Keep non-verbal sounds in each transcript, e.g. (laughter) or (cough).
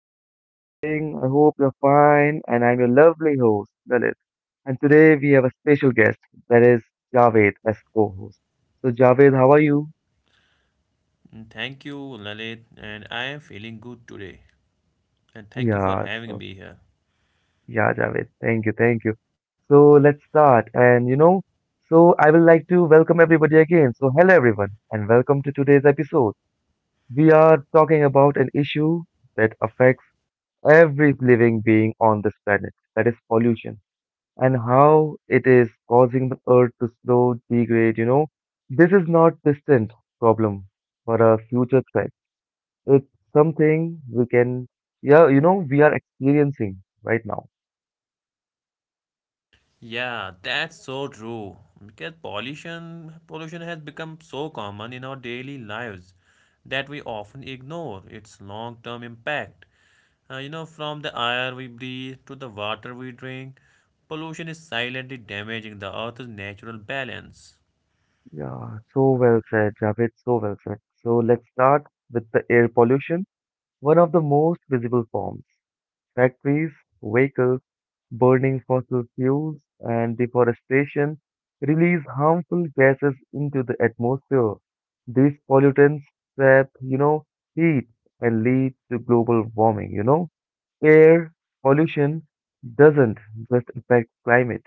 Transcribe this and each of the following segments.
How are you guys doing? I hope you're fine. And I'm your lovely host, Lalit. And today we have a special guest, that is Javed, as co host. So, Javed, how are you? Thank you, Lalit, and I am feeling good today. And thank you for Yeah, having so, me here. yeah, Javed. Thank you, thank you. So, let's start. And, so I would like to welcome everybody again. So, hello, everyone, and welcome to today's episode. We are talking about an issue that affects every living being on this planet, that is pollution. And how it is causing the earth to slow degrade. This is not distant problem for a future threat. It's something we can, yeah, we are experiencing right now. Yeah, that's so true. Because pollution has become so common in our daily lives that we often ignore its long-term impact. From the air we breathe to the water we drink, pollution is silently damaging the earth's natural balance. Yeah, so well said, Javed, so well said. So let's start with the air pollution, one of the most visible forms. Factories, vehicles, burning fossil fuels, and deforestation release harmful gases into the atmosphere. These pollutants trap, heat and lead to global warming. Air pollution doesn't just affect climate,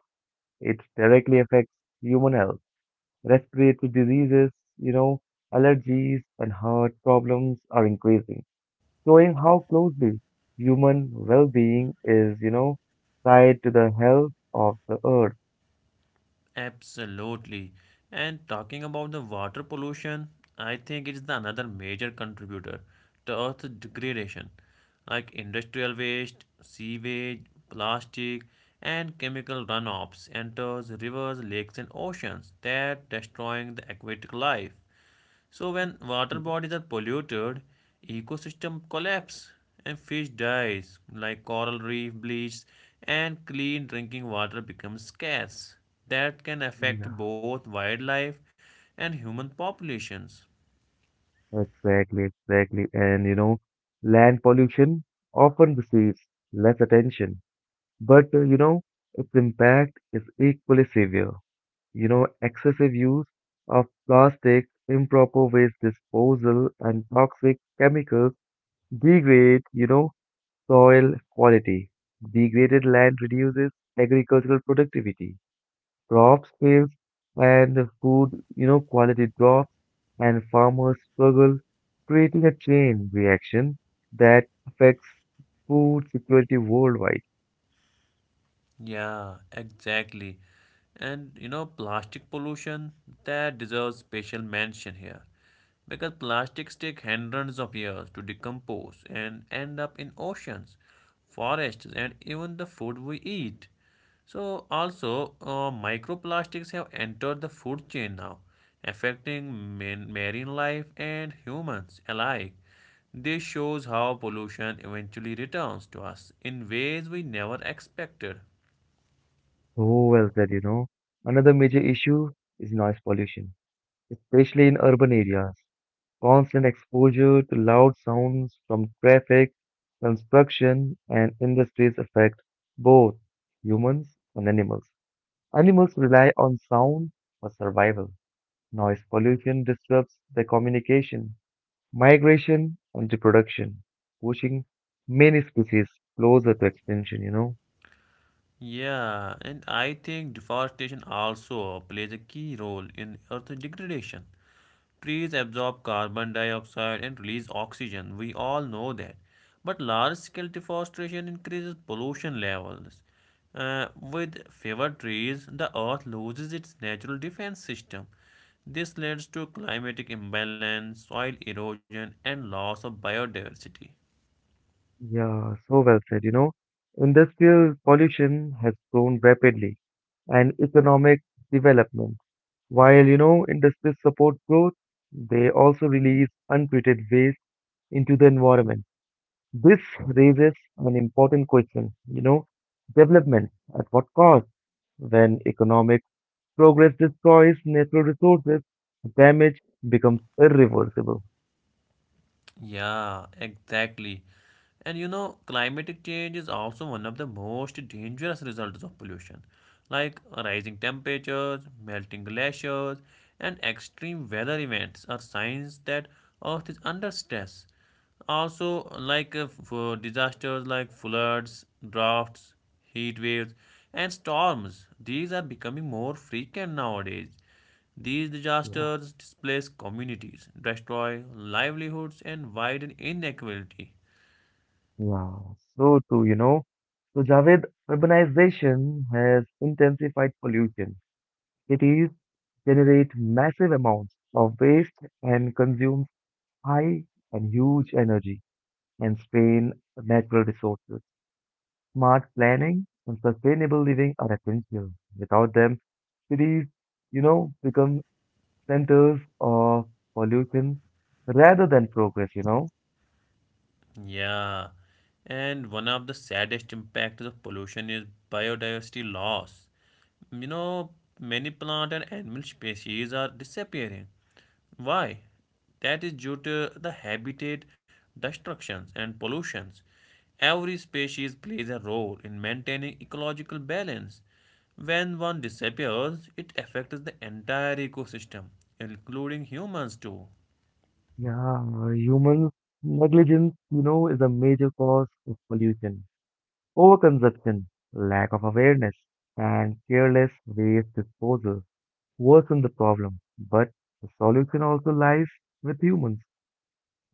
it directly affects human health. Respiratory diseases, you know, allergies and heart problems are increasing, showing how closely human well-being is, tied to the health of the earth. Absolutely. And talking about the water pollution, I think it is the another major contributor to earth degradation, like industrial waste, sewage, plastic, and chemical runoffs enters rivers, lakes, and oceans that destroying the aquatic life. So when water Yeah. bodies are polluted, ecosystem collapse and fish dies like coral reef bleaches and clean drinking water becomes scarce. That can affect Yeah. both wildlife and human populations. Exactly, exactly. And land pollution often receives less attention, but its impact is equally severe. Excessive use of plastic, improper waste disposal, and toxic chemicals degrade soil quality. Degraded land reduces agricultural productivity. Crops fail and food, quality drops and farmers struggle, creating a chain reaction that affects food security worldwide. Yeah, exactly. Plastic pollution that deserves special mention here. Because plastics take hundreds of years to decompose and end up in oceans, forests, and even the food we eat. So, also, microplastics have entered the food chain now, affecting marine life and humans alike. This shows how pollution eventually returns to us in ways we never expected. So well said. Another major issue is noise pollution, especially in urban areas. Constant exposure to loud sounds from traffic, construction, and industries affect both humans and animals. Animals rely on sound for survival. Noise pollution disrupts their communication, migration, and reproduction, pushing many species closer to extinction. Yeah, and I think deforestation also plays a key role in earth degradation. Trees absorb carbon dioxide and release oxygen. We all know that. But large-scale deforestation increases pollution levels. With fewer trees, the earth loses its natural defense system. This leads to climatic imbalance, soil erosion, and loss of biodiversity. Yeah, so well said. Industrial pollution has grown rapidly, and economic development. While industries support growth, they also release untreated waste into the environment. This raises an important question: development at what cost? When economic progress destroys natural resources, damage becomes irreversible. Yeah, exactly. Climatic change is also one of the most dangerous results of pollution, like rising temperatures, melting glaciers, and extreme weather events are signs that Earth is under stress. Also, for disasters like floods, droughts, heat waves, and storms, these are becoming more frequent nowadays. These Yeah, disasters displace communities, destroy livelihoods, and widen inequality. yeah, so too. So, Javed, urbanization has intensified pollution. Cities generate massive amounts of waste and consume high and huge energy and strain natural resources. Smart planning and sustainable living are essential. Without them, cities, become centers of pollution rather than progress. Yeah, and one of the saddest impacts of pollution is biodiversity loss. You know, many plant and animal species are disappearing. Why? That is due to the habitat destructions and pollutions. Every species plays a role in maintaining ecological balance. When one disappears, it affects the entire ecosystem, including humans too. Yeah, human negligence, is a major cause of pollution. Overconsumption, lack of awareness, and careless waste disposal worsen the problem. But the solution also lies with humans.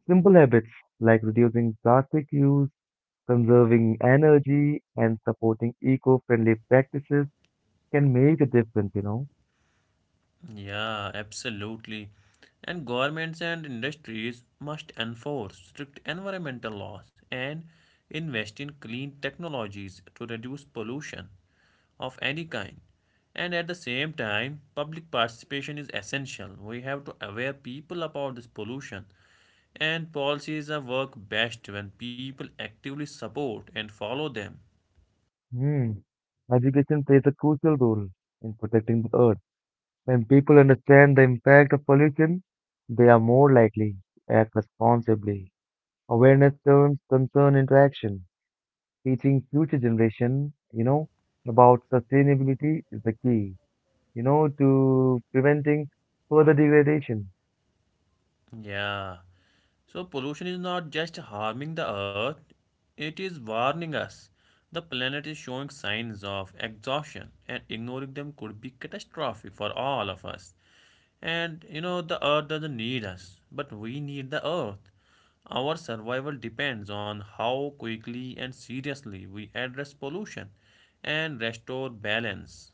Simple habits like reducing plastic use, conserving energy, and supporting eco-friendly practices can make a difference. Yeah, absolutely. And governments and industries must enforce strict environmental laws and invest in clean technologies to reduce pollution of any kind. And at the same time, public participation is essential. We have to aware people about this pollution. And policies are work best when people actively support and follow them. Hmm. Education plays a crucial role in protecting the earth. When people understand the impact of pollution, they are more likely to act responsibly. Awareness turns concern into action. Teaching future generation, about sustainability is the key to preventing further degradation. Yeah. So pollution is not just harming the earth, it is warning us. The planet is showing signs of exhaustion, and ignoring them could be catastrophic for all of us. And you know, the earth doesn't need us, but we need the earth. Our survival depends on how quickly and seriously we address pollution and restore balance.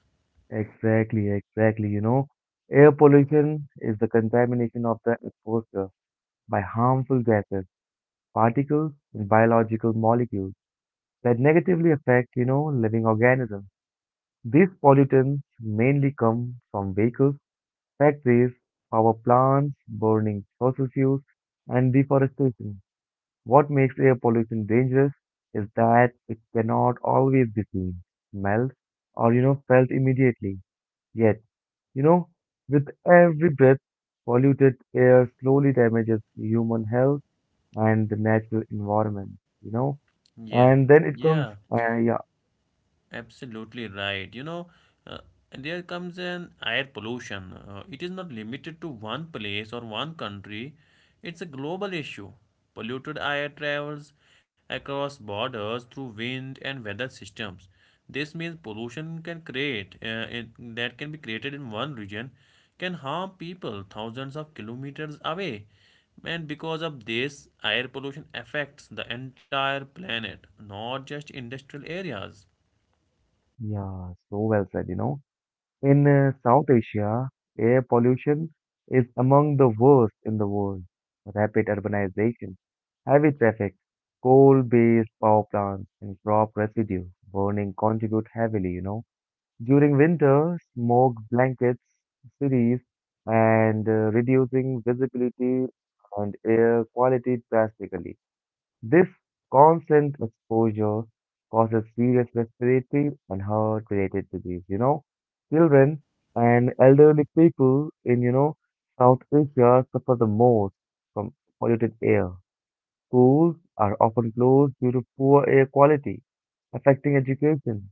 Exactly, exactly. Air pollution is the contamination of the atmosphere by harmful gases, particles, and biological molecules that negatively affect, living organisms. These pollutants mainly come from vehicles, factories, power plants, burning fossil fuels, and deforestation. What makes air pollution dangerous is that it cannot always be seen, smelled, or felt immediately. Yet, You know, with every breath, polluted air slowly damages human health and the natural environment, you know. Yeah, And then it comes, yeah. Yeah, Absolutely right. Uh, there comes an air pollution. It is not limited to one place or one country, it's a global issue. Polluted air travels across borders through wind and weather systems. This means pollution can that can be created in one region can harm people thousands of kilometers away. And because of this, air pollution affects the entire planet, not just industrial areas. yeah, so well said. In South Asia, air pollution is among the worst in the world. Rapid urbanization, heavy traffic, coal-based power plants, and crop residue burning contribute heavily. During winter, smoke blankets cities and reducing visibility and air quality drastically. This constant exposure causes serious respiratory and heart-related disease. Children and elderly people in, South Asia suffer the most from polluted air. Schools are often closed due to poor air quality, affecting education.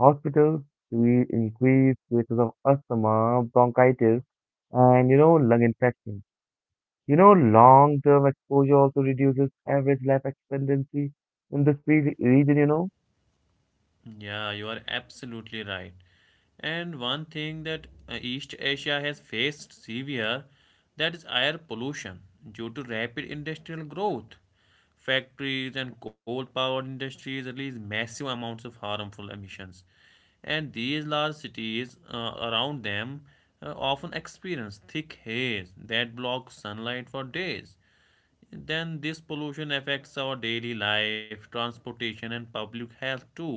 Hospitals see increased cases of asthma, bronchitis, and lung infections. Long-term exposure also reduces average life expectancy in this region. Yeah, you are absolutely right. And one thing that East Asia has faced severe that is air pollution due to rapid industrial growth. Factories and coal-powered industries release massive amounts of harmful emissions. And these large cities around them often experience thick haze that blocks sunlight for days. Then this pollution affects our daily life, transportation, and public health too.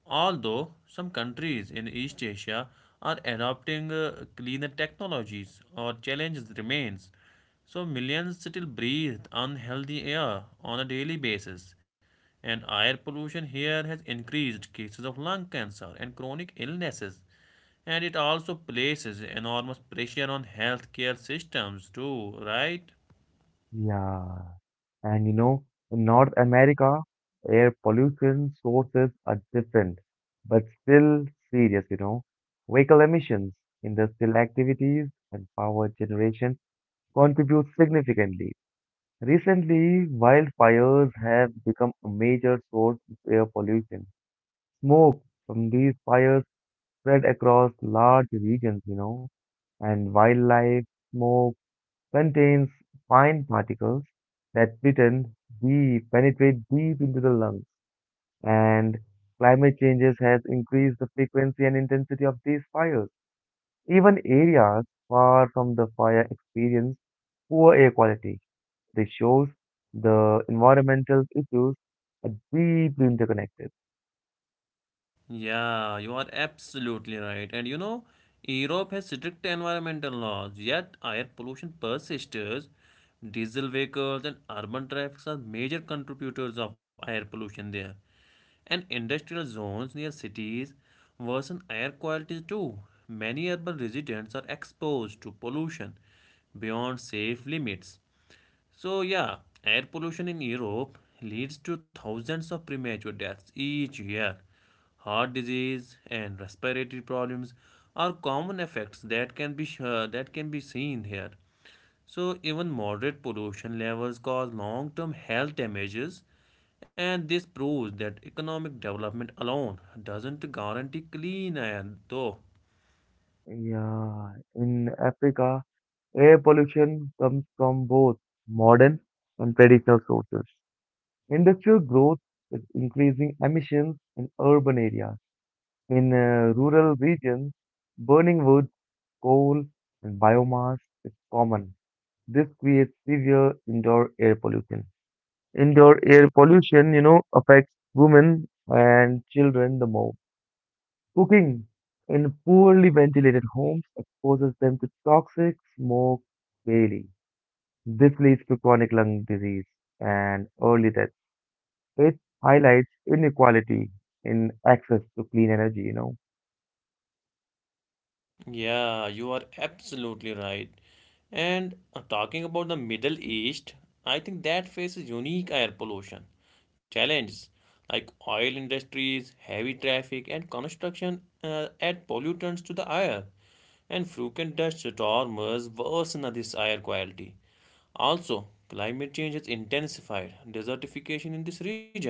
Although some countries in East Asia are adopting cleaner technologies, our challenges remains. So millions still breathe unhealthy air on a daily basis, and air pollution here has increased cases of lung cancer and chronic illnesses, and it also places enormous pressure on healthcare systems too, right? Yeah. And in North America, air pollution sources are different, but still serious. Vehicle emissions, industrial activities, and power generation contribute significantly. Recently, wildfires have become a major source of air pollution. Smoke from these fires spread across large regions, and wildlife smoke contains fine particles that pretend deep, penetrate deep into the lungs. And climate changes has increased the frequency and intensity of these fires. Even areas far from the fire experience poor air quality. This shows the environmental issues are deeply interconnected. Yeah, you are absolutely right. And you know, Europe has strict environmental laws, yet air pollution persists. Diesel vehicles and urban traffic are major contributors of air pollution there. And industrial zones near cities worsen air quality too. Many urban residents are exposed to pollution beyond safe limits. So, yeah, air pollution in Europe leads to thousands of premature deaths each year. Heart disease and respiratory problems are common effects that can be seen here. So, even moderate pollution levels cause long-term health damages, and this proves that economic development alone doesn't guarantee clean air, though. Yeah, in Africa, air pollution comes from both modern and traditional sources. Industrial growth is increasing emissions in urban areas. In rural regions, burning wood, coal, and biomass is common. This creates severe indoor air pollution. Indoor air pollution, affects women and children the most. Cooking in poorly ventilated homes exposes them to toxic smoke daily. This leads to chronic lung disease and early death. It highlights inequality in access to clean energy. Yeah, you are absolutely right. And talking about the Middle East, I think that faces unique air pollution challenges like oil industries, heavy traffic, and construction add pollutants to the air. And frequent dust storms worsen this air quality. Also, climate change has intensified desertification in this region,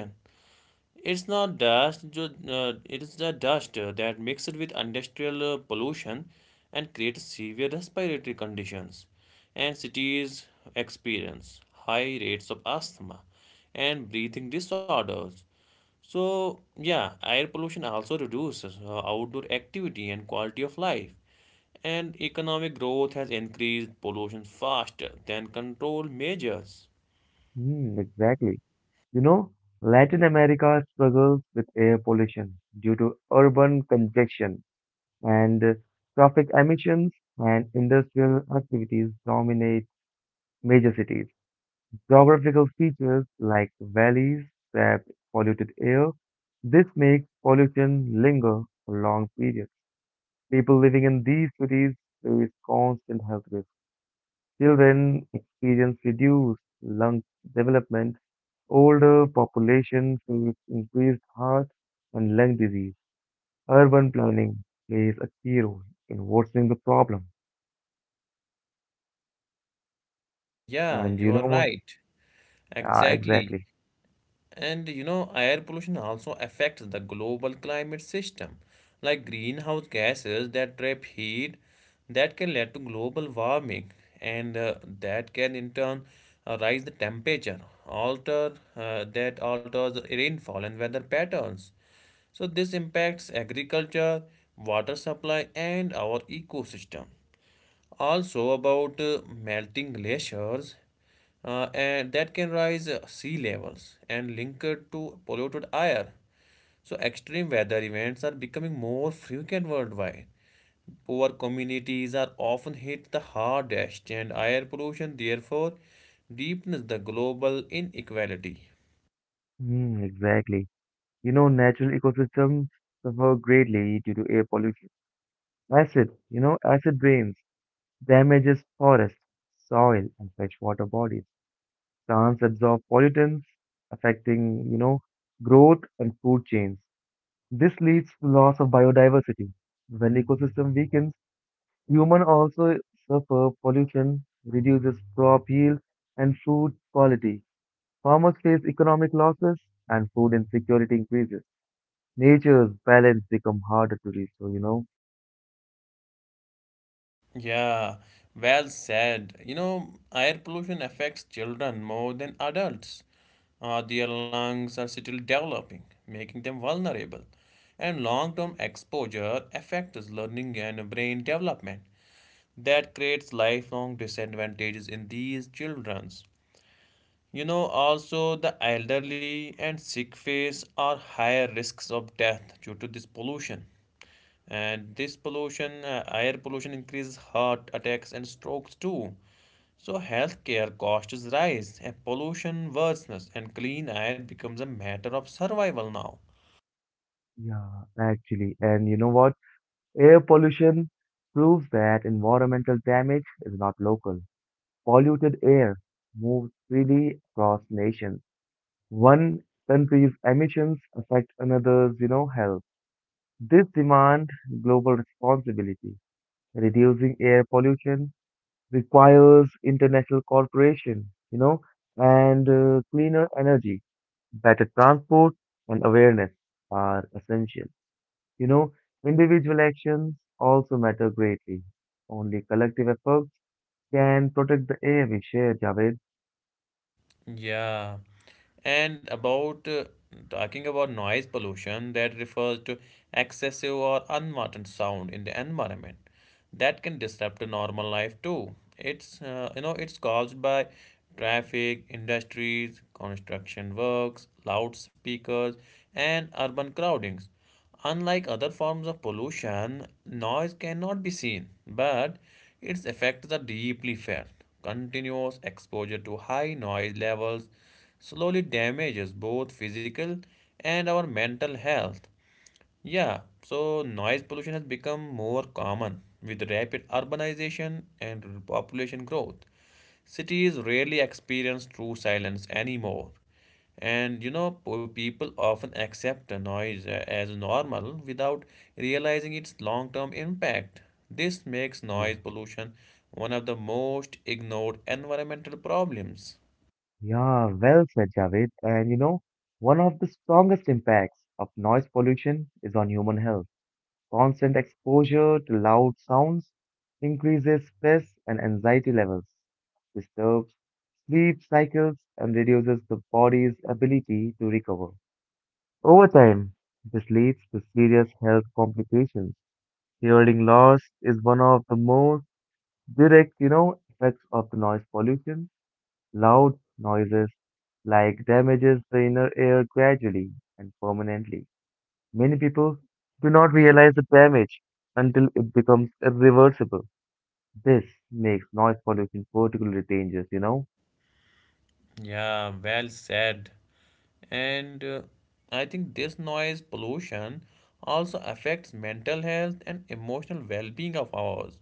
it's not dust, ju- it is the dust that mixed with industrial pollution and creates severe respiratory conditions. And cities experience high rates of asthma and breathing disorders. So, yeah, air pollution also reduces outdoor activity and quality of life. And economic growth has increased pollution faster than control measures. Hmm, exactly. You know, Latin America struggles with air pollution due to urban congestion and traffic emissions and industrial activities dominate major cities. Geographical features like valleys trap polluted air. This makes pollution linger for long periods. People living in these cities face constant health risks. Children experience reduced lung development. Older population face increased heart and lung disease. Urban planning plays a key role in worsening the problem. Yeah, And you you are know what? right. Ah, Exactly. exactly. And you know, air pollution also affects the global climate system, like greenhouse gases that trap heat, that can lead to global warming, and that can in turn rise the temperature, alter that alters the rainfall and weather patterns. So this impacts agriculture, water supply, and our ecosystem. Also, about melting glaciers and that can rise sea levels and linked to polluted air. So, extreme weather events are becoming more frequent worldwide. Poor communities are often hit the hardest, and air pollution therefore deepens the global inequality. Hmm, exactly. Natural ecosystems suffer greatly due to air pollution. Acid rains damages forests, soil, and freshwater bodies. Plants absorb pollutants, affecting, growth and food chains. This leads to loss of biodiversity. When ecosystem weakens, human also suffer pollution, reduces crop yield and food quality. Farmers face economic losses and food insecurity increases. Nature's balance become harder to restore. Yeah, well said. You know, air pollution affects children more than adults. Their lungs are still developing, making them vulnerable. And long-term exposure affects learning and brain development. That creates lifelong disadvantages in these children. You know, also the elderly and sick face are higher risks of death due to this pollution. And air pollution increases heart attacks and strokes too. So healthcare costs rise and pollution worsens and clean air becomes a matter of survival now. Yeah, actually. And you know what? Air pollution proves that environmental damage is not local. Polluted air moves freely across nations. One country's emissions affect another's, health. This demand global responsibility. Reducing air pollution requires international cooperation, and cleaner energy. Better transport and awareness are essential. You know, individual actions also matter greatly. Only collective efforts can protect the air we share, Javed. Yeah. And about talking about noise pollution that refers to excessive or unwanted sound in the environment. That can disrupt the normal life too. It's it's caused by traffic, industries, construction works, loudspeakers, and urban crowdings. Unlike other forms of pollution, noise cannot be seen, but its effects are deeply felt. Continuous exposure to high noise levels slowly damages both physical and our mental health. Yeah, so noise pollution has become more common with rapid urbanization and population growth. Cities rarely experience true silence anymore. And you know, people often accept the noise as normal without realizing its long term impact. This makes Yeah, noise pollution one of the most ignored environmental problems. yeah, well said, Javed. And one of the strongest impacts of noise pollution is on human health. Constant exposure to loud sounds increases stress and anxiety levels, disturbs sleep cycles, and reduces the body's ability to recover. Over time, this leads to serious health complications. Hearing loss is one of the most direct, effects of the noise pollution. Loud noises like damages the inner ear gradually and permanently. Many people do not realize the damage until it becomes irreversible. This makes noise pollution particularly dangerous. Yeah, well said. And I think this noise pollution also affects mental health and emotional well-being of ours,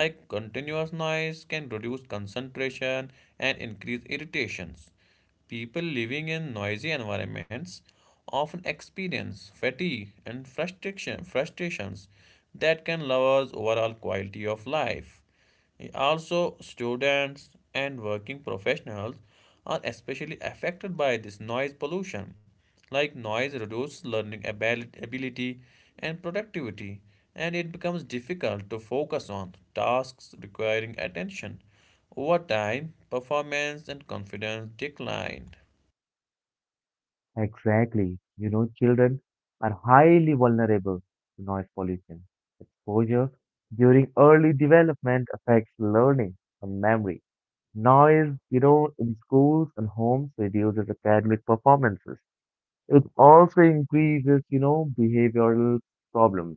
like continuous noise can reduce concentration and increase irritations. People living in noisy environments often experience fatigue and frustrations that can lower overall quality of life. Also, students and working professionals are especially affected by this noise pollution. Like noise reduces ability and productivity, and it becomes difficult to focus on tasks requiring attention. Over time, performance and confidence decline. Exactly. Children are highly vulnerable to noise pollution. Exposure during early development affects learning and memory. Noise, in schools and homes reduces academic performances. It also increases, behavioral problems.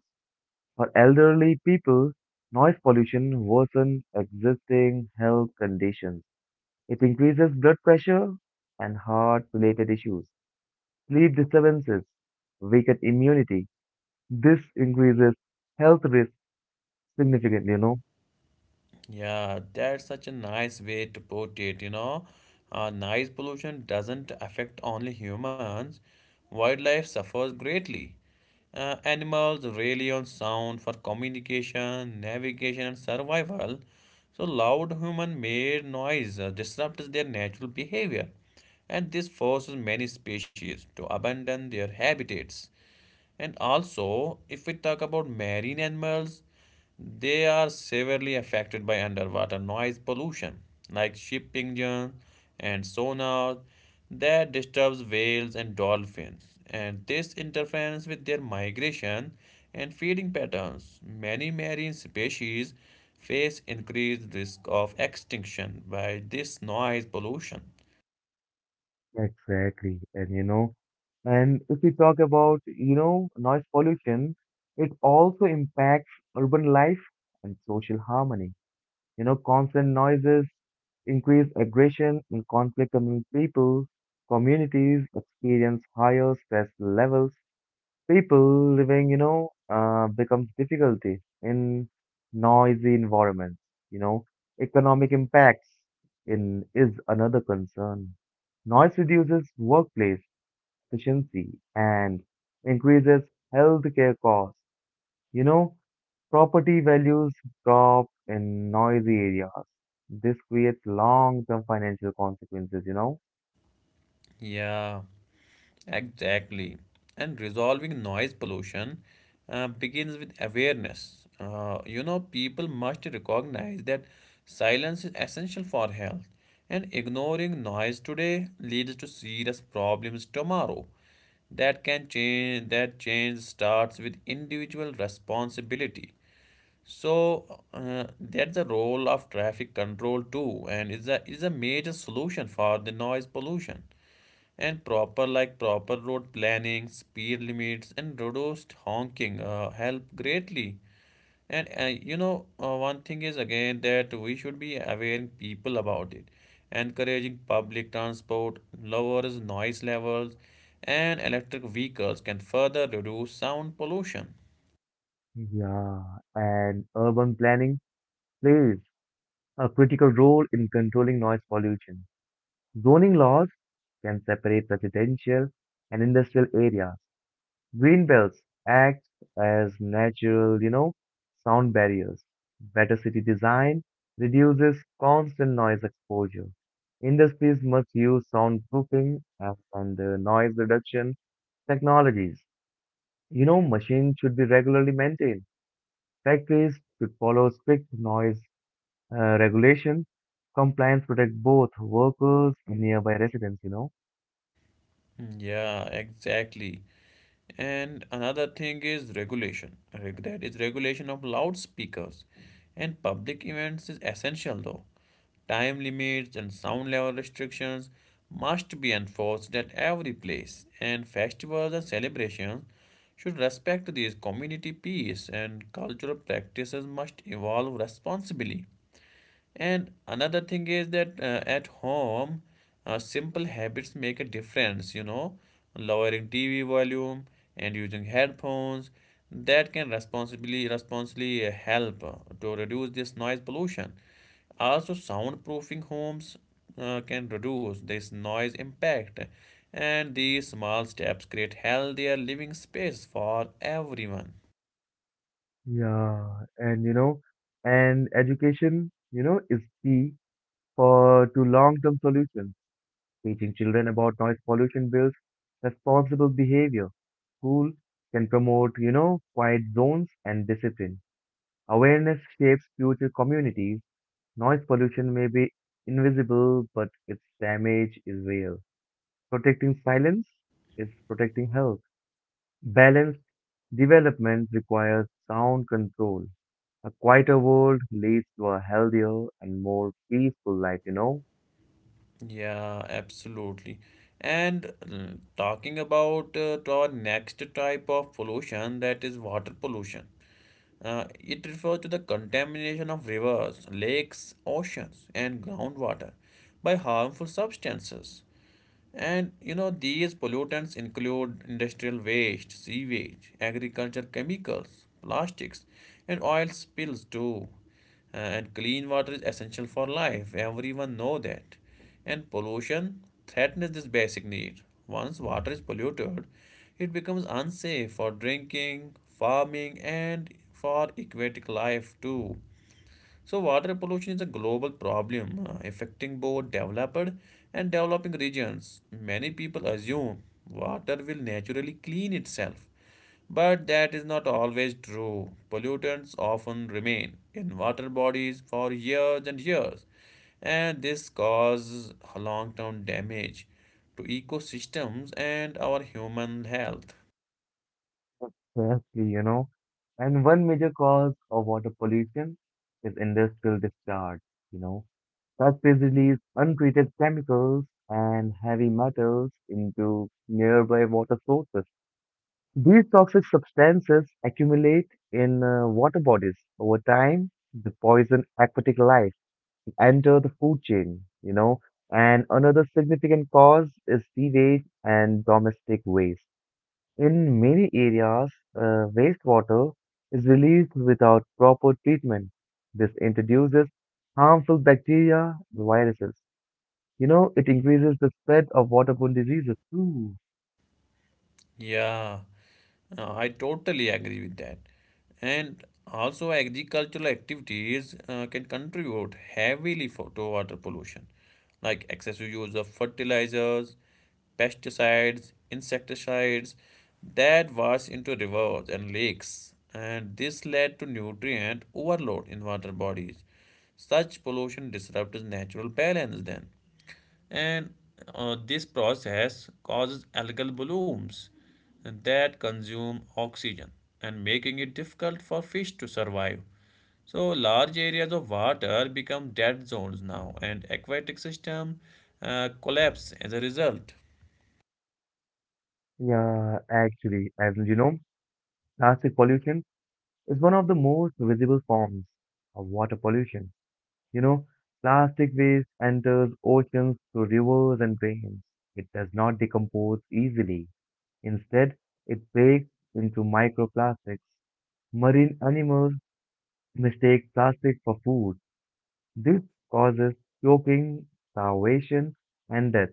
For elderly people, noise pollution worsens existing health conditions. It increases blood pressure and heart-related issues. Sleep disturbances, weakened immunity. This increases health risk significantly. Yeah, that's such a nice way to put it, you know. Noise pollution doesn't affect only humans. Wildlife suffers greatly. Animals rely on sound for communication, navigation, and survival. So, loud human made noise disrupts their natural behavior, and this forces many species to abandon their habitats. And also, if we talk about marine animals, they are severely affected by underwater noise pollution, like ship engines and sonar that disturbs whales and dolphins. And this interferes with their migration and feeding patterns. Many marine species face increased risk of extinction by this noise pollution. Exactly. And if we talk about, noise pollution, it also impacts urban life and social harmony. Constant noises increase aggression and conflict among people. Communities experience higher stress levels. People living, becomes difficulty in noisy environments. You know, economic impacts in is another concern. Noise reduces workplace efficiency and increases healthcare costs. You know, property values drop in noisy areas. This creates long-term financial consequences. Yeah. Exactly. And resolving noise pollution begins with awareness. You know, people must recognize that silence is essential for health, and ignoring noise today leads to serious problems tomorrow. That can change. That change starts with individual responsibility. So that's the role of traffic control too, and is a major solution for the noise pollution, and proper road planning, speed limits, and reduced honking help greatly. And one thing is again that we should be aware people about it. Encouraging public transport lowers noise levels, and electric vehicles can further reduce sound pollution. Yeah, and urban planning plays a critical role in controlling noise pollution. Zoning laws can separate residential and industrial areas. Green belts act as natural, sound barriers. Better city design reduces constant noise exposure. Industries must use soundproofing and noise reduction technologies. Machines should be regularly maintained. Factories should follow strict noise regulation. Compliance protect both workers and nearby residents. Hmm, yeah, exactly. And another thing is regulation. That is regulation of loudspeakers. And public events is essential though. Time limits and sound level restrictions must be enforced at every place. And festivals and celebrations should respect these community peace and cultural practices must evolve responsibly. And another thing is that at home, simple habits make a difference, lowering TV volume and using headphones that can responsibly help to reduce this noise pollution. Also, soundproofing homes can reduce this noise impact, and these small steps create healthier living space for everyone. Yeah, and education is key for to long term solutions. Teaching children about noise pollution builds responsible behavior. School can promote quiet zones and discipline. Awareness shapes future communities. Noise pollution may be invisible, but its damage is real. Protecting silence is protecting health. Balanced development requires sound control. A quieter world leads to a healthier and more peaceful life, you know, Yeah, absolutely. And talking about to our next type of pollution, that is water pollution. It refers to the contamination of rivers, lakes, oceans, and groundwater by harmful substances. And you know, these pollutants include industrial waste, sewage, agriculture chemicals, plastics, and oil spills too. And clean water is essential for life. Everyone know that. And pollution threatens this basic need. Once water is polluted, it becomes unsafe for drinking, farming, and for aquatic life too. So, water pollution is a global problem affecting both developed and developing regions. Many people assume water will naturally clean itself, but that is not always true. Pollutants often remain in water bodies for years and years, and this causes long term damage to ecosystems and our human health. firstly, you know. And one major cause of water pollution is industrial discharge, you know. Factories release untreated chemicals and heavy metals into nearby water sources. These toxic substances accumulate in water bodies. Over time, they poison aquatic life, enter the food chain. And another significant cause is sewage and domestic waste. In many areas, wastewater is released without proper treatment. This introduces harmful bacteria and viruses. It increases the spread of waterborne diseases too. Yeah, I totally agree with that. And also, agricultural activities can contribute heavily to water pollution, like excessive use of fertilizers, pesticides, insecticides that wash into rivers and lakes. And this led to nutrient overload in water bodies. Such pollution disrupts natural balance then and this process causes algal blooms that consume oxygen and making it difficult for fish to survive. So large areas of water become dead zones now, and aquatic system collapse as a result. Yeah, actually, as you know, plastic pollution is one of the most visible forms of water pollution. You know, Plastic waste enters oceans through rivers and drains. It does not decompose easily. Instead, it breaks into microplastics. Marine animals mistake plastic for food. This causes choking, starvation, and death.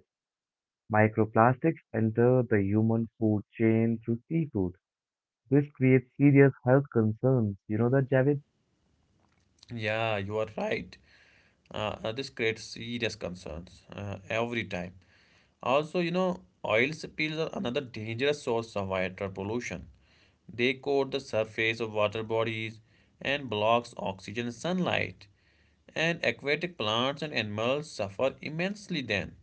Microplastics enter the human food chain through seafood. This creates serious health concerns. You know that, Javed? Yeah, you are right. This creates serious concerns every time. Also, you know, oil spills are another dangerous source of water pollution. They coat the surface of water bodies and blocks oxygen and sunlight. And aquatic plants and animals suffer immensely then.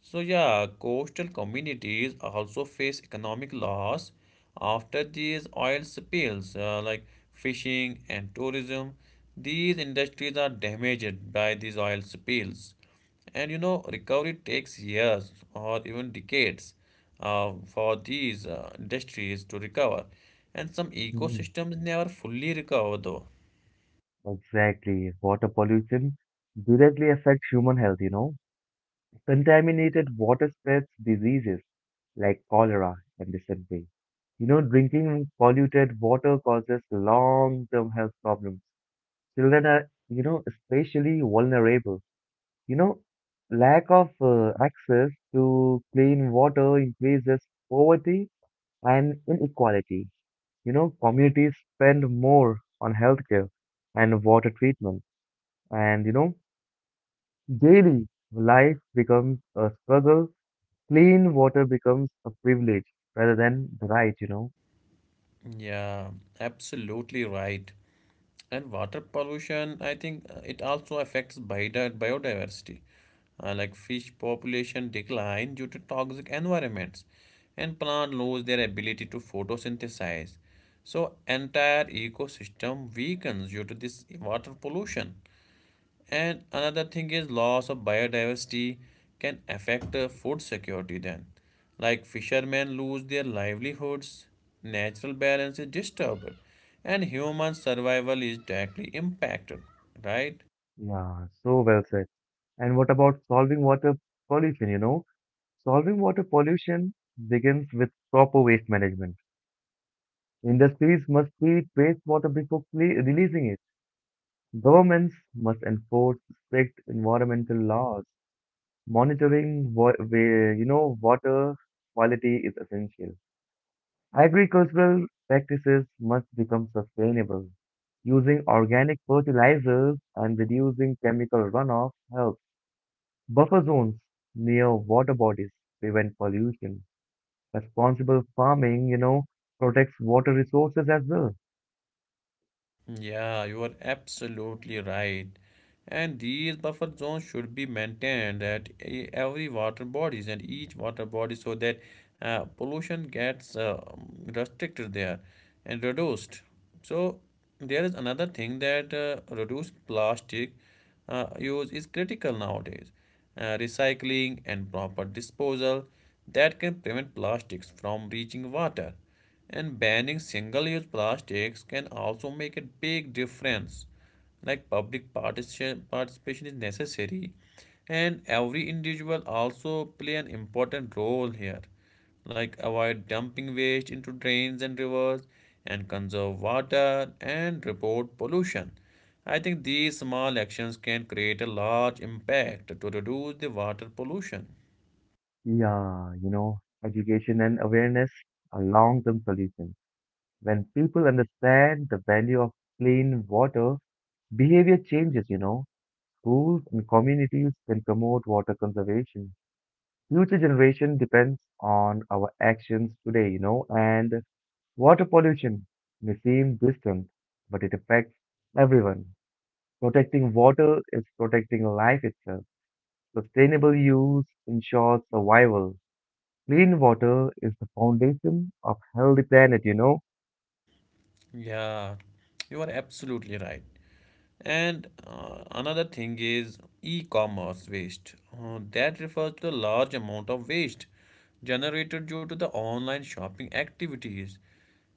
So yeah, coastal communities also face economic loss after these oil spills, like fishing and tourism. These industries are damaged by these oil spills, and you know recovery takes years or even decades for these industries to recover, and some Hmm, ecosystems never fully recover though. exactly. Water pollution directly affects human health. Contaminated water spreads diseases like cholera and dysentery. Drinking polluted water causes long-term health problems. Children are, especially vulnerable. You know, Lack of access to clean water increases poverty and inequality. Communities spend more on healthcare and water treatment, and daily life becomes a struggle. Clean water becomes a privilege rather than the right. Yeah, absolutely right. And water pollution, I think it also affects biodiversity, like fish population decline due to toxic environments, and plant lose their ability to photosynthesize. So entire ecosystem weakens due to this water pollution. And another thing is loss of biodiversity can affect food security then. Like fishermen lose their livelihoods, natural balance is disturbed, and human survival is directly impacted, right? Yeah, so well said. And what about solving water pollution? Solving water pollution begins with proper waste management. Industries must treat wastewater before releasing it. Governments must enforce strict environmental laws. Monitoring water quality is essential. Agricultural practices must become sustainable. Using organic fertilizers and reducing chemical runoff helps. Buffer zones near water bodies prevent pollution. Responsible farming, protects water resources as well. Yeah, you are absolutely right. And these buffer zones should be maintained at every water bodies and each water body so that pollution gets restricted there and reduced. So there is another thing that reduced plastic use is critical nowadays. Recycling and proper disposal that can prevent plastics from reaching water, and banning single-use plastics can also make a big difference. Like public participation is necessary, and every individual also play an important role here, like avoid dumping waste into drains and rivers, and conserve water, and report pollution. I think these small actions can create a large impact to reduce the water pollution. Yeah, education and awareness are long-term solutions. When people understand the value of clean water, behavior changes. Schools and communities can promote water conservation. Future generation depends on our actions today, and water pollution may seem distant, but it affects everyone. Protecting water is protecting life itself. Sustainable use ensures survival. Clean water is the foundation of healthy planet. Yeah, you are absolutely right. And another thing is e-commerce waste. That refers to the large amount of waste generated due to the online shopping activities.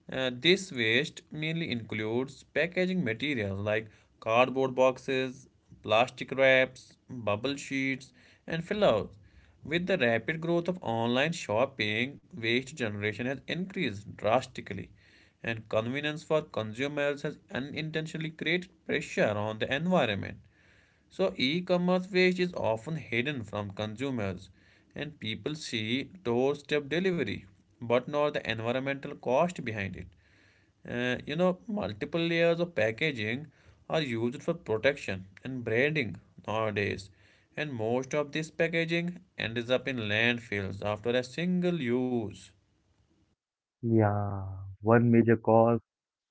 This waste mainly includes packaging materials like cardboard boxes, plastic wraps, bubble sheets, and fillers. With the rapid growth of online shopping, waste generation has increased drastically, and convenience for consumers has unintentionally created pressure on the environment. So, e commerce waste is often hidden from consumers, and people see doorstep delivery but not the environmental cost behind it. You know, multiple layers of packaging are used for protection and branding nowadays, and most of this packaging ends up in landfills after a single use. Yeah, one major cause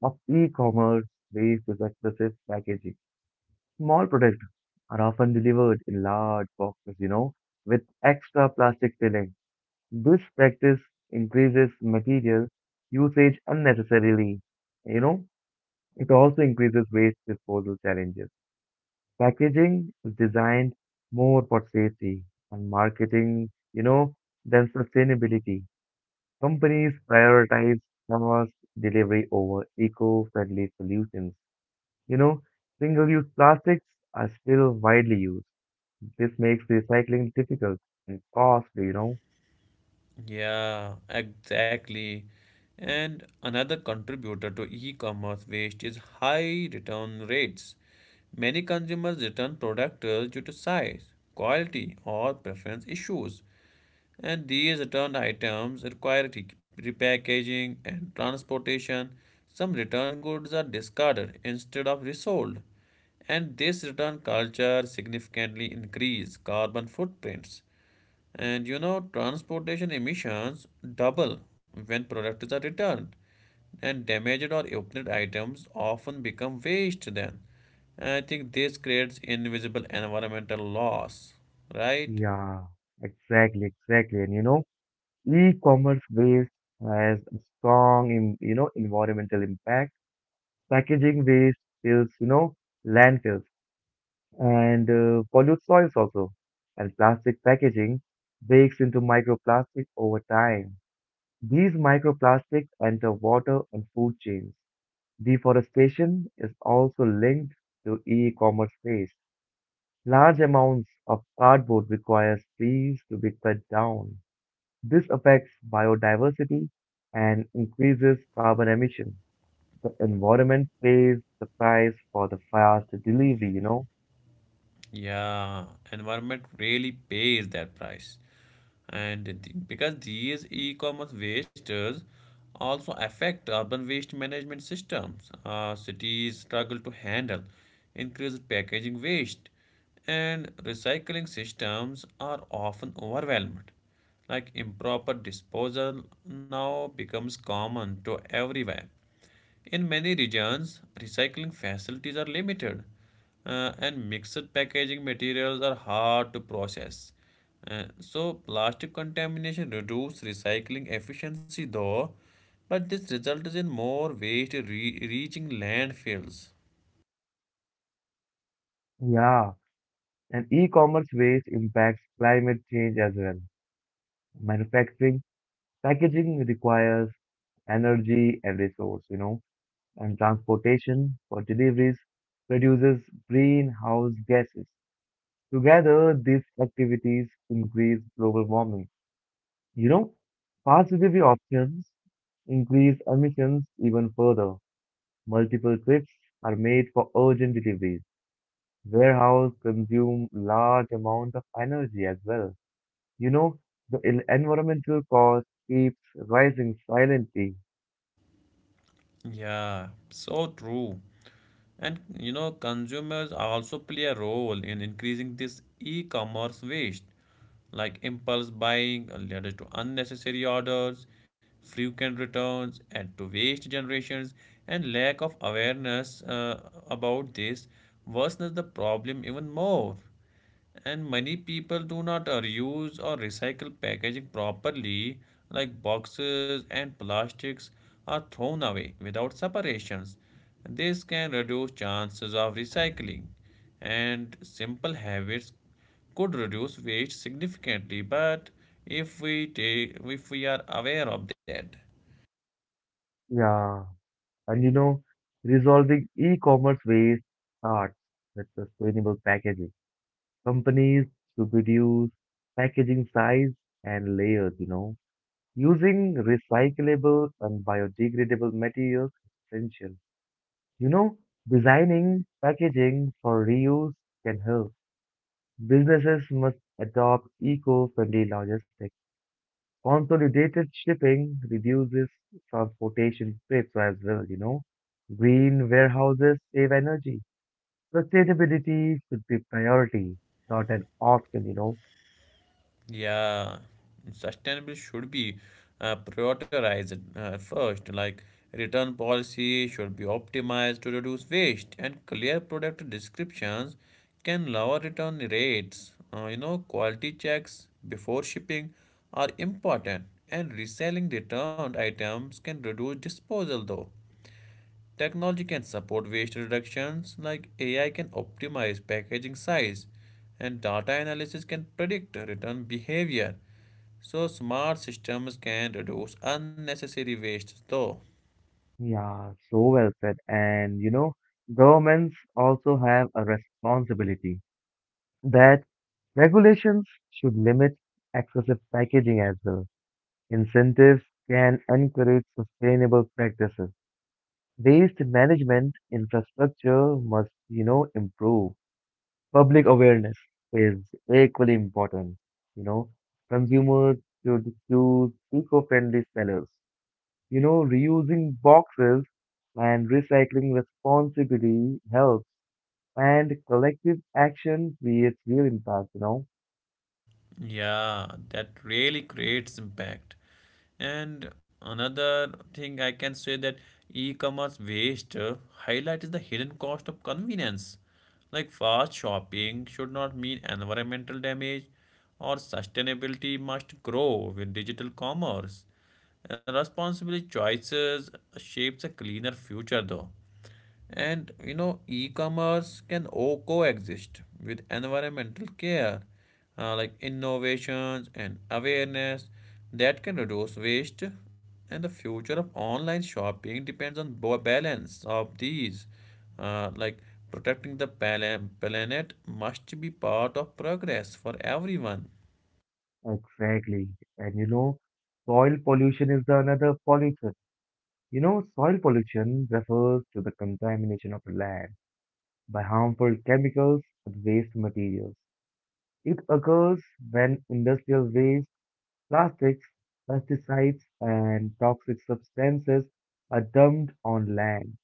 of e-commerce waste is excessive packaging. Small products are often delivered in large boxes, with extra plastic filling. This practice increases material usage unnecessarily. You know, it also increases waste disposal challenges. Packaging is designed more for safety and marketing, than sustainability. Companies prioritize fast delivery over eco-friendly solutions. You know, Single-use plastics are still widely used. This makes recycling difficult and costly. Yeah, exactly. And another contributor to e-commerce waste is high return rates. Many consumers return products due to size, quality, or preference issues. And these returned items require repackaging and transportation. Some returned goods are discarded instead of resold. And this return culture significantly increases carbon footprints. And you know, transportation emissions double when products are returned. And damaged or opened items often become waste then. And I think this creates invisible environmental loss, right? Yeah, exactly, exactly. And e-commerce waste has a strong, environmental impact. Packaging waste fills, landfills and pollute soils also. And plastic packaging breaks into microplastic over time. These microplastics enter water and food chains. Deforestation is also linked to e-commerce waste. Large amounts of cardboard requires trees to be cut down. This affects biodiversity and increases carbon emission. The environment pays the price for the fast delivery? Yeah, environment really pays that price. And because these e-commerce wasters also affect urban waste management systems, cities struggle to handle increased packaging waste, and recycling systems are often overwhelmed. Like improper disposal now becomes common to everywhere. In many regions, recycling facilities are limited, and mixed packaging materials are hard to process. So, plastic contamination reduces recycling efficiency, though, but this results in more waste reaching landfills. Yeah, and e-commerce waste impacts climate change as well. Manufacturing, packaging requires energy and resource, and transportation for deliveries produces greenhouse gases. Together, these activities increase global warming. You know, Fast delivery options increase emissions even further. Multiple trips are made for urgent deliveries. Warehouse consume large amount of energy as well. You know, the environmental cost keeps rising silently. Yeah, so true. And you know, consumers also play a role in increasing this e commerce waste, like impulse buying leads to unnecessary orders, frequent returns, and to waste generations. And lack of awareness about this worsens the problem even more, and many people do not reuse or recycle packaging properly, like boxes and plastics are thrown away without separations. This can reduce chances of recycling, and simple habits could reduce waste significantly, but if we take if we are aware of that. Yeah, and resolving e-commerce waste starts with sustainable packaging. Companies should reduce packaging size and layers. Using recyclable and biodegradable materials is essential. You know, Designing packaging for reuse can help. Businesses must adopt eco-friendly logistics. Consolidated shipping reduces transportation trips as well. Green warehouses save energy. Sustainability should be priority, not an option. Yeah, sustainable should be prioritized first. Like return policy should be optimized to reduce waste, and clear product descriptions can lower return rates. You know, quality checks before shipping are important, and reselling returned items can reduce disposal though. Technology can support waste reductions, like AI can optimize packaging size, and data analysis can predict return behavior. So, smart systems can reduce unnecessary waste, though. Yeah, so well said. And governments also have a responsibility that regulations should limit excessive packaging as well. Incentives can encourage sustainable practices. Waste management infrastructure must improve. Public awareness is equally important. You know, Consumers should choose eco-friendly sellers. Reusing boxes and recycling responsibly helps, and collective action creates real impact. Yeah, that really creates impact. And another thing I can say that e-commerce waste highlights the hidden cost of convenience. Like fast shopping should not mean environmental damage, or sustainability must grow with digital commerce. And responsible choices shapes a cleaner future though. And you know, e-commerce can coexist with environmental care, like innovations and awareness that can reduce waste. And the future of online shopping depends on balance of these, like protecting the planet must be part of progress for everyone. Exactly. And soil pollution is the another pollution. Soil pollution refers to the contamination of land by harmful chemicals and waste materials. It occurs when industrial waste, plastics, pesticides, and toxic substances are dumped on land.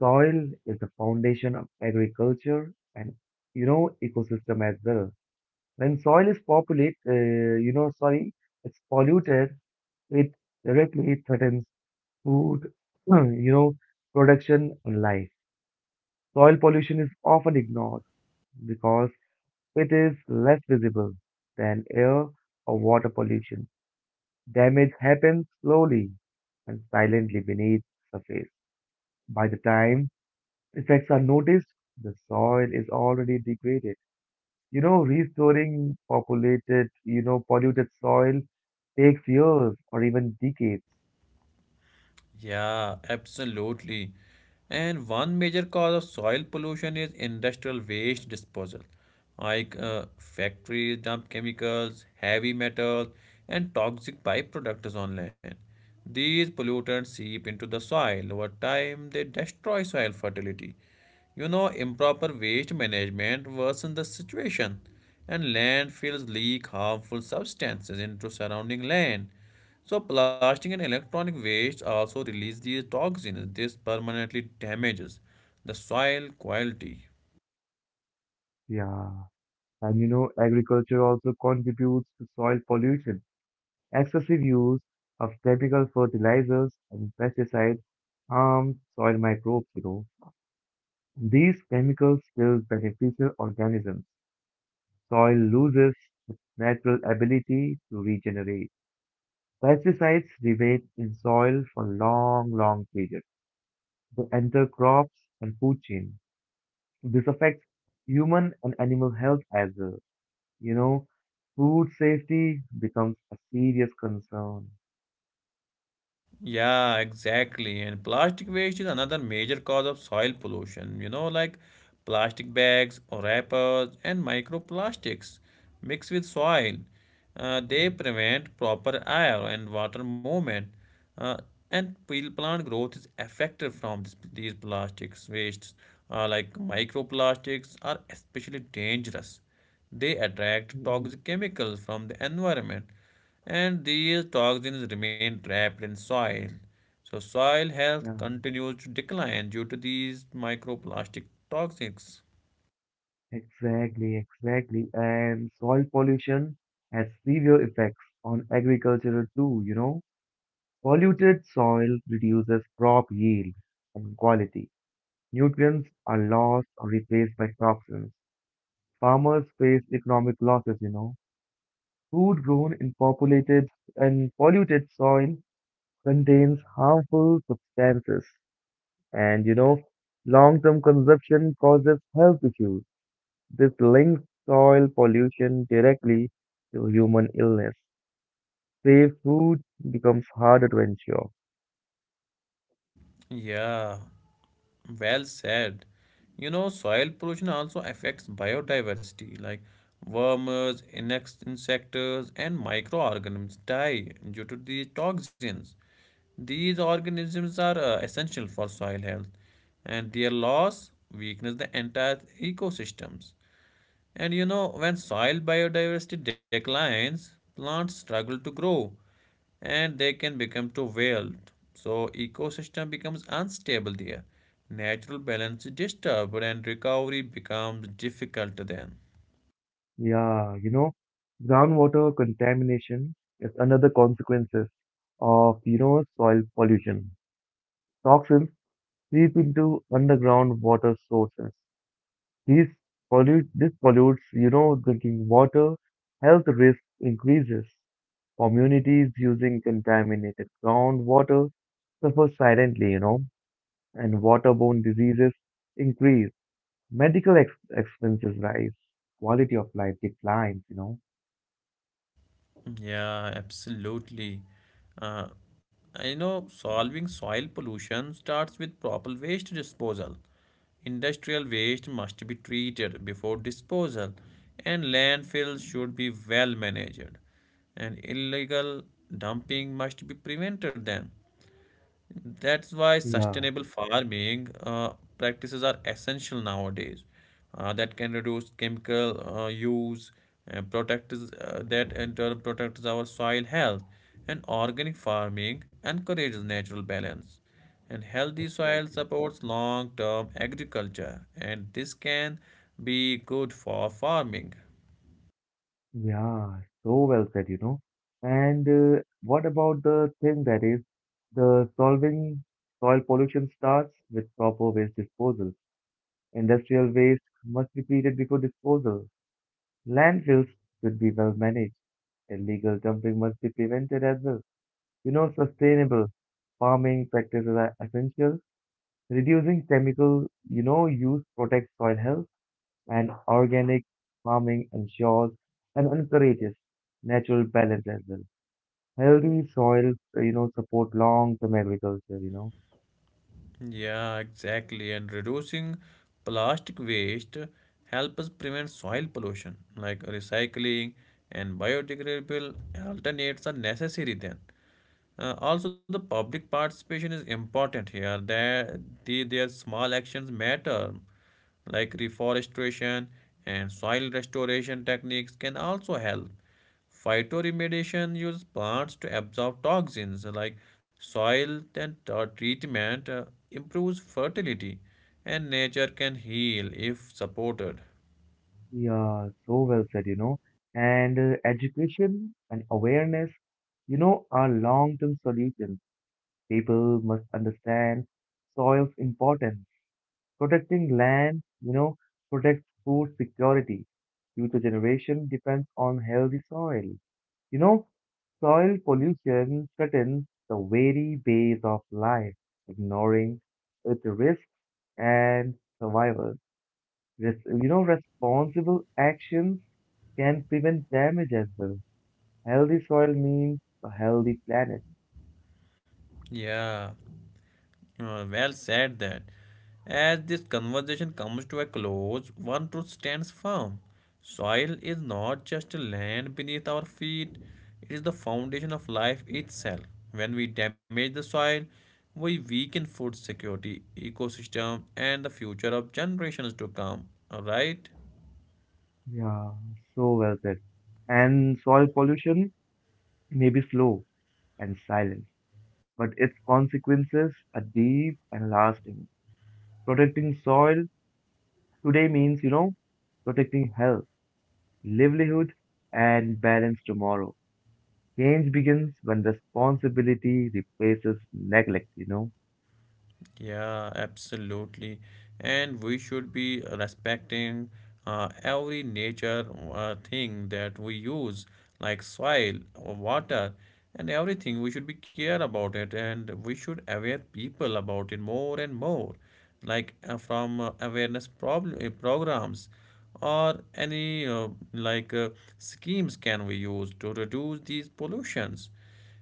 Soil is the foundation of agriculture and ecosystem as well. When soil is populated, sorry, it's polluted. It directly threatens food, (clears throat) you know, production and life. Soil pollution is often ignored because it is less visible than air or water pollution. Damage happens slowly and silently beneath the surface. By the time effects are noticed, the soil is already degraded. Restoring populated, polluted soil takes years or even decades. Yeah, absolutely. And one major cause of soil pollution is industrial waste disposal. Like factories dump chemicals, heavy metals, and toxic byproducts on land. These pollutants seep into the soil. Over time, they destroy soil fertility. You know, improper waste management worsens the situation, and landfills leak harmful substances into surrounding land. So, plastic and electronic waste also release these toxins. This permanently damages the soil quality. Yeah. And agriculture also contributes to soil pollution. Excessive use of chemical fertilizers and pesticides harm soil microbes. These chemicals kill beneficial organisms. Soil loses its natural ability to regenerate. Pesticides remain in soil for long, long periods. They enter crops and food chain. This affects human and animal health as well. You know, Food safety becomes a serious concern. Yeah, exactly. And plastic waste is another major cause of soil pollution. You know, like plastic bags or wrappers and microplastics mixed with soil. They prevent proper air and water movement. Uh, and plant growth is affected from this, these plastics wastes. Like microplastics are especially dangerous. They attract Mm, toxic chemicals from the environment, and these toxins remain trapped in soil. So, soil health yeah, continues to decline due to these microplastic toxins. exactly, exactly. And soil pollution has severe effects on agriculture too. Polluted soil reduces crop yield and quality. Nutrients are lost or replaced by toxins. Farmers face economic losses. Food grown in populated and polluted soil contains harmful substances. And long-term consumption causes health issues. This links soil pollution directly to human illness. Safe food becomes harder to ensure. Yeah, well said. You know, soil pollution also affects biodiversity, like worms, insects, and microorganisms die due to these toxins. These organisms are essential for soil health, and their loss weakens the entire ecosystems. And you know, when soil biodiversity declines, plants struggle to grow and they can become too wild. So ecosystem becomes unstable there. Natural balance is disturbed and recovery becomes difficult then. Yeah, groundwater contamination is another consequences of soil pollution. Toxins seep into underground water sources. These this pollutes drinking water. Health risk increases. Communities using contaminated groundwater suffer silently, and waterborne diseases increase. Medical expenses rise. Quality of life declines. Yeah, absolutely. Uh, I know solving soil pollution starts with proper waste disposal. Industrial waste must be treated before disposal, and landfills should be well managed. And illegal dumping must be prevented then. That's why Yeah, sustainable farming practices are essential nowadays. That can reduce chemical use, and that in turn protects our soil health. And organic farming encourages natural balance. And healthy soil exactly. supports long-term agriculture, and this can be good for farming. Yeah, so well said. And what about the thing that is the solving soil pollution starts with proper waste disposal. Industrial waste must be treated before disposal. Landfills should be well managed. Illegal dumping must be prevented as well. Sustainable farming practices are essential. Reducing chemical, use protects soil health and organic farming ensures and encourages natural balance as well. Healthy soils, support long-term agriculture. Yeah, exactly. And reducing plastic waste helps prevent soil pollution, like recycling and biodegradable alternates are necessary then. Also, the public participation is important here. Their small actions matter, like reforestation and soil restoration techniques can also help. Phytoremediation uses plants to absorb toxins, like soil and treatment improves fertility, and nature can heal if supported. Yeah, so well said. And education and awareness, are long-term solutions. People must understand soil's importance. Protecting land, protects food security. Future generation depends on healthy soil. You know, Soil pollution threatens the very base of life. Ignoring its risks and survival. Responsible actions can prevent damage as well. Healthy soil means a healthy planet. Yeah. Well said that. As this conversation comes to a close, one truth stands firm. Soil is not just a land beneath our feet, it is the foundation of life itself. When we damage the soil, we weaken food security, ecosystem, and the future of generations to come. Alright? Yeah, so well said. And soil pollution may be slow and silent, but its consequences are deep and lasting. Protecting soil today means, protecting health, livelihood, and balance tomorrow. Change begins when responsibility replaces neglect. Yeah, absolutely. And we should be respecting every nature thing that we use, like soil or water and everything. We should be care about it and we should aware people about it more and more, like from awareness problem programs or any schemes can we use to reduce these pollutions.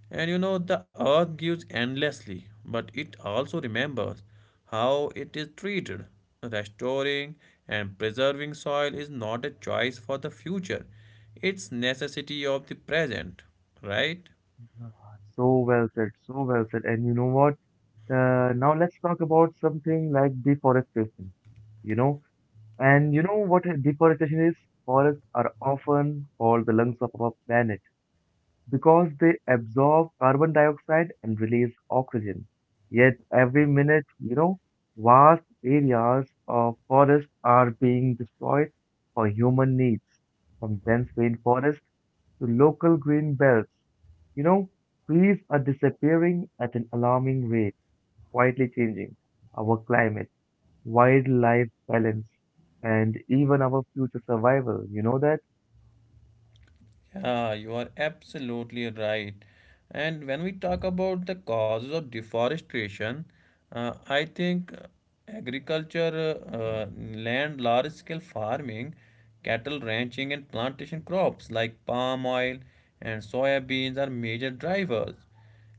And you know, the earth gives endlessly, but it also remembers how it is treated. Restoring and preserving soil is not a choice for the future, it's necessity of the present, right? Yeah, so well said, so well said. And you know what? Now let's talk about something like deforestation, you know. And you know what deforestation is? Forests are often called the lungs of our planet because they absorb carbon dioxide and release oxygen. Yet every minute, vast areas of forest are being destroyed for human needs, from dense rainforest to local green belts. You know, Trees are disappearing at an alarming rate, quietly changing our climate, wildlife balance, and even our future survival. You know that? Yeah, you are absolutely right. And when we talk about the causes of deforestation, I think agriculture, land, large scale farming, cattle ranching, and plantation crops like palm oil and soya beans are major drivers.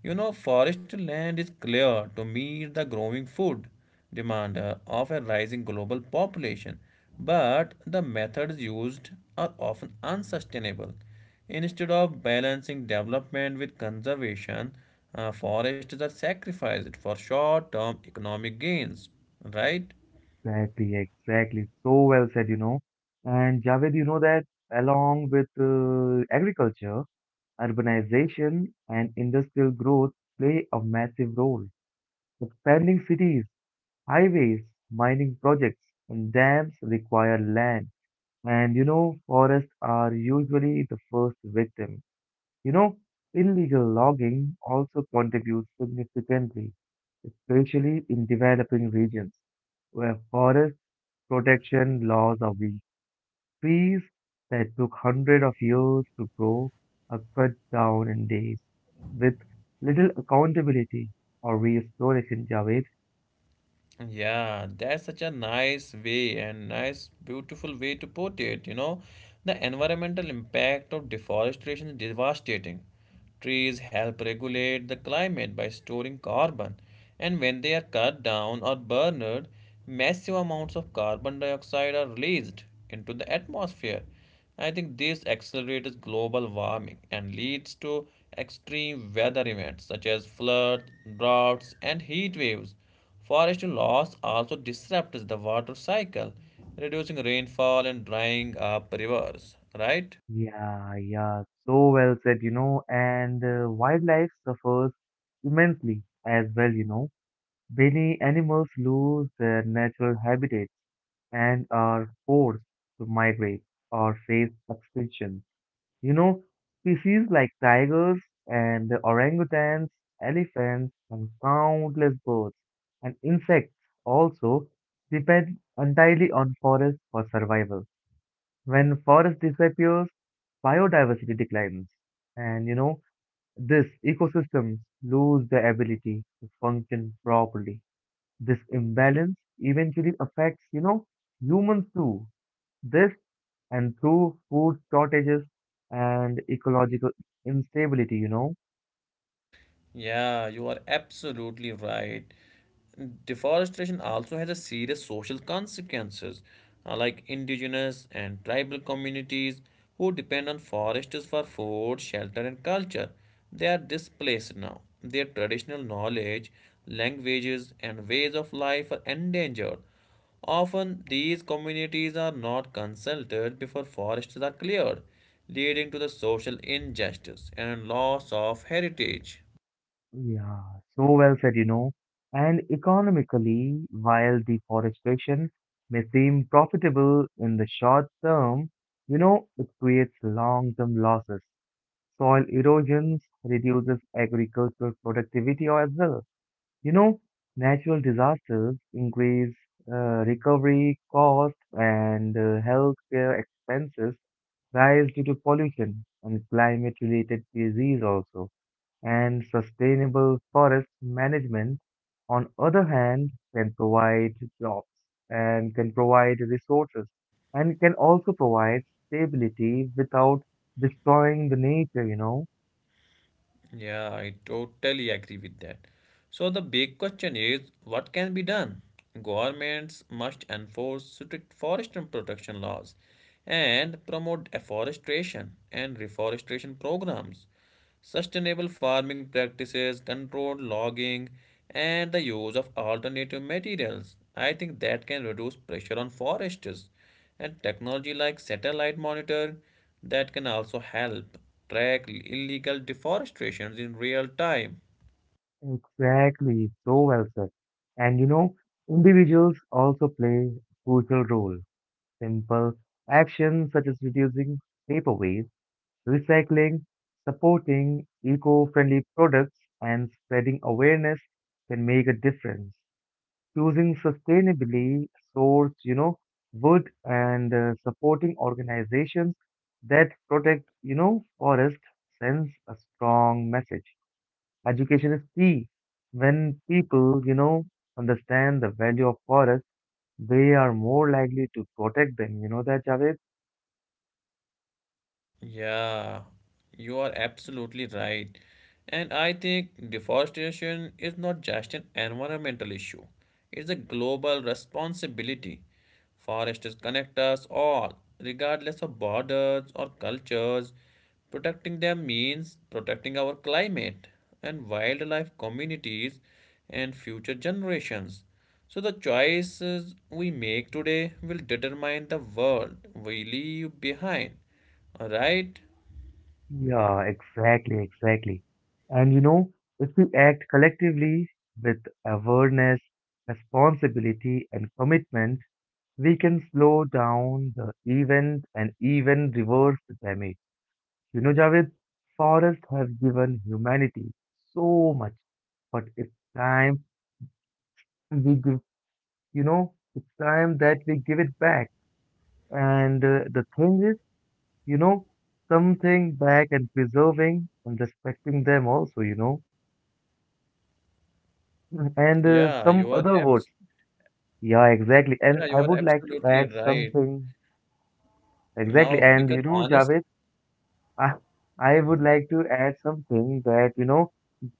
You know, forest land is clear to meet the growing food demand of a rising global population, but the methods used are often unsustainable. Instead of balancing development with conservation, forests are sacrificed for short term economic gains, right? Exactly, exactly. So well said. And Javed, you know that along with agriculture, urbanization and industrial growth play a massive role. Expanding cities, highways, mining projects, and dams require land. And forests are usually the first victim. You know, Illegal logging also contributes significantly, especially in developing regions where forests protection laws of these trees that took hundreds of years to grow are cut down in days with little accountability or restoration, Javed. Yeah, that's such a nice way and nice, beautiful way to put it. You know, the environmental impact of deforestation is devastating. Trees help regulate the climate by storing carbon, and when they are cut down or burned, massive amounts of carbon dioxide are released into the atmosphere. I think this accelerates global warming and leads to extreme weather events such as floods, droughts, and heat waves. Forest loss also disrupts the water cycle, reducing rainfall and drying up rivers, right? Yeah, yeah, so well said, and wildlife suffers immensely as well. Many animals lose their natural habitats and are forced to migrate or face extinction. You know, Species like tigers and orangutans, elephants, and countless birds and insects also depend entirely on forests for survival. When forest disappears, biodiversity declines, and this ecosystems lose the ability to function properly. This imbalance eventually affects, humans too. This and through food shortages and ecological instability. Yeah, you are absolutely right. Deforestation also has a serious social consequences, like indigenous and tribal communities who depend on forests for food, shelter, and culture. They are displaced now. Their traditional knowledge, languages, and ways of life are endangered. Often, these communities are not consulted before forests are cleared, leading to the social injustice and loss of heritage. Yeah, so well said. And economically, while deforestation may seem profitable in the short term, it creates long-term losses. Soil erosion reduces agricultural productivity as well. You know, Natural disasters increase recovery costs and healthcare expenses rise due to pollution and climate-related disease also. And sustainable forest management, on other hand, can provide jobs and can provide resources and can also provide stability without destroying the nature. Yeah, I totally agree with that. So the big question is what can be done? Governments must enforce strict forest and protection laws and promote afforestation and reforestation programs, sustainable farming practices, controlled logging, and the use of alternative materials. I think that can reduce pressure on foresters and technology like satellite monitor that can also help track illegal deforestations in real time. Exactly, so well said. And individuals also play a crucial role. Simple actions such as reducing paper waste, recycling, supporting eco friendly products, and spreading awareness can make a difference. Choosing sustainably sourced, wood and supporting organizations that protect, forest sends a strong message. Education is key. When people, understand the value of forest, they are more likely to protect them. You know that, Javed? Yeah, you are absolutely right. And I think deforestation is not just an environmental issue, it's a global responsibility. Forests connect us all, regardless of borders or cultures. Protecting them means protecting our climate and wildlife communities and future generations. So, the choices we make today will determine the world we leave behind. All right? Yeah, exactly, exactly. And if we act collectively with awareness, responsibility, and commitment, we can slow down the event and even reverse the damage. Javed, forests have given humanity so much, but it's time we it's time that we give it back. And the thing is, you know, something back and preserving and respecting them also. And Yeah, you are. some other words. Yeah, exactly. Yeah, And you are I would like to absolutely add right. something. Now, Exactly. And because honest, Javed, I, I would like to add something that,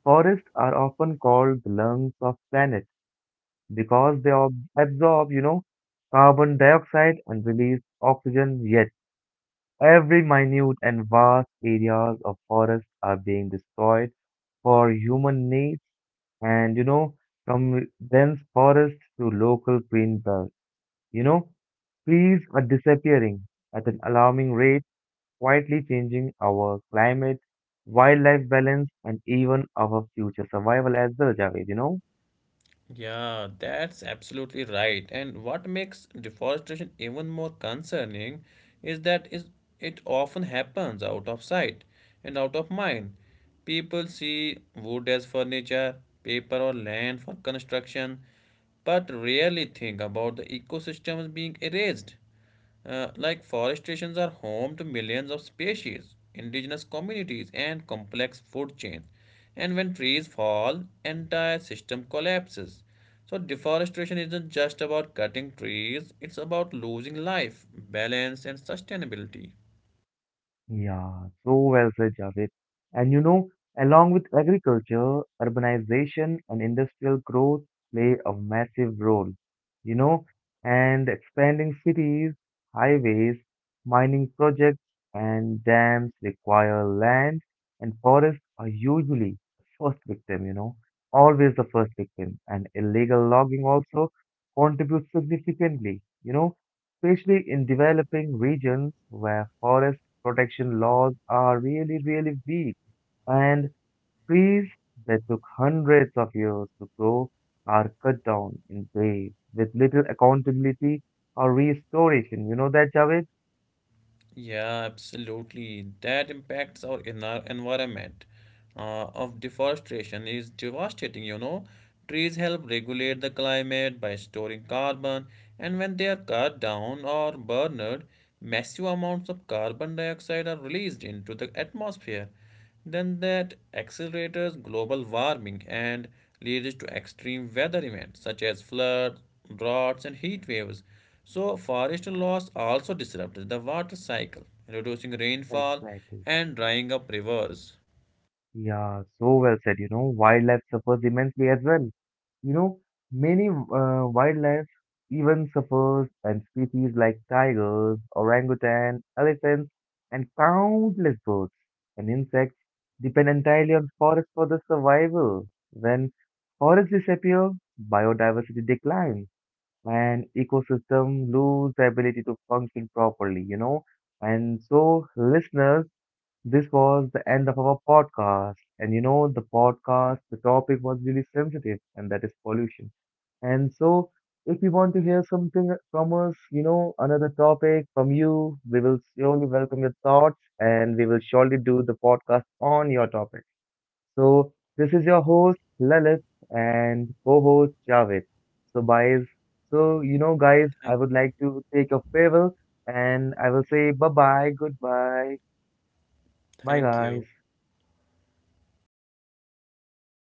forests are often called the lungs of planet because they ob absorb, carbon dioxide and release oxygen, yet every minute and vast areas of forest are being destroyed for human needs, and from dense forest to local green belts. You know, Trees are disappearing at an alarming rate, quietly changing our climate, wildlife balance, and even our future survival as well, Javed, you know? yeah, that's absolutely right. And what makes deforestation even more concerning is that is it often happens out of sight and out of mind. People see wood as furniture, paper or land for construction, but rarely think about the ecosystems being erased. Like forestations are home to millions of species, indigenous communities, and complex food chains. And when trees fall, entire system collapses. So deforestation isn't just about cutting trees, it's about losing life, balance, and sustainability. Yeah, so well said, Javed. And along with agriculture, urbanization and industrial growth play a massive role, you know, and expanding cities, highways, mining projects, and dams require land, and forests are usually the first victim, always the first victim. And illegal logging also contributes significantly, especially in developing regions where forests protection laws are really, really weak, and trees that took hundreds of years to grow are cut down in waves with little accountability or restoration. You know that, Javed? Yeah, absolutely. That impacts our inner environment. Of deforestation is devastating, you know. Trees help regulate the climate by storing carbon, and when they are cut down or burned, massive amounts of carbon dioxide are released into the atmosphere. Then that accelerates global warming and leads to extreme weather events such as floods, droughts, and heat waves. So, forest loss also disrupts the water cycle, reducing rainfall Exactly. and drying up rivers. Yeah, so well said. Wildlife suffers immensely as well. You know, Many wildlife even suffers, and species like tigers, orangutan, elephants, and countless birds and insects depend entirely on forests for their survival. When forests disappear, biodiversity declines, and ecosystem lose the ability to function properly. And so listeners, this was the end of our podcast. And the topic was really sensitive, and that is pollution. And so, if you want to hear something from us, another topic from you, we will surely welcome your thoughts and we will surely do the podcast on your topic. So, this is your host, Lalit, and co host, Javed. So, guys, guys, Thank, I would like to take a farewell and I will say bye bye, goodbye, bye, thank you. guys.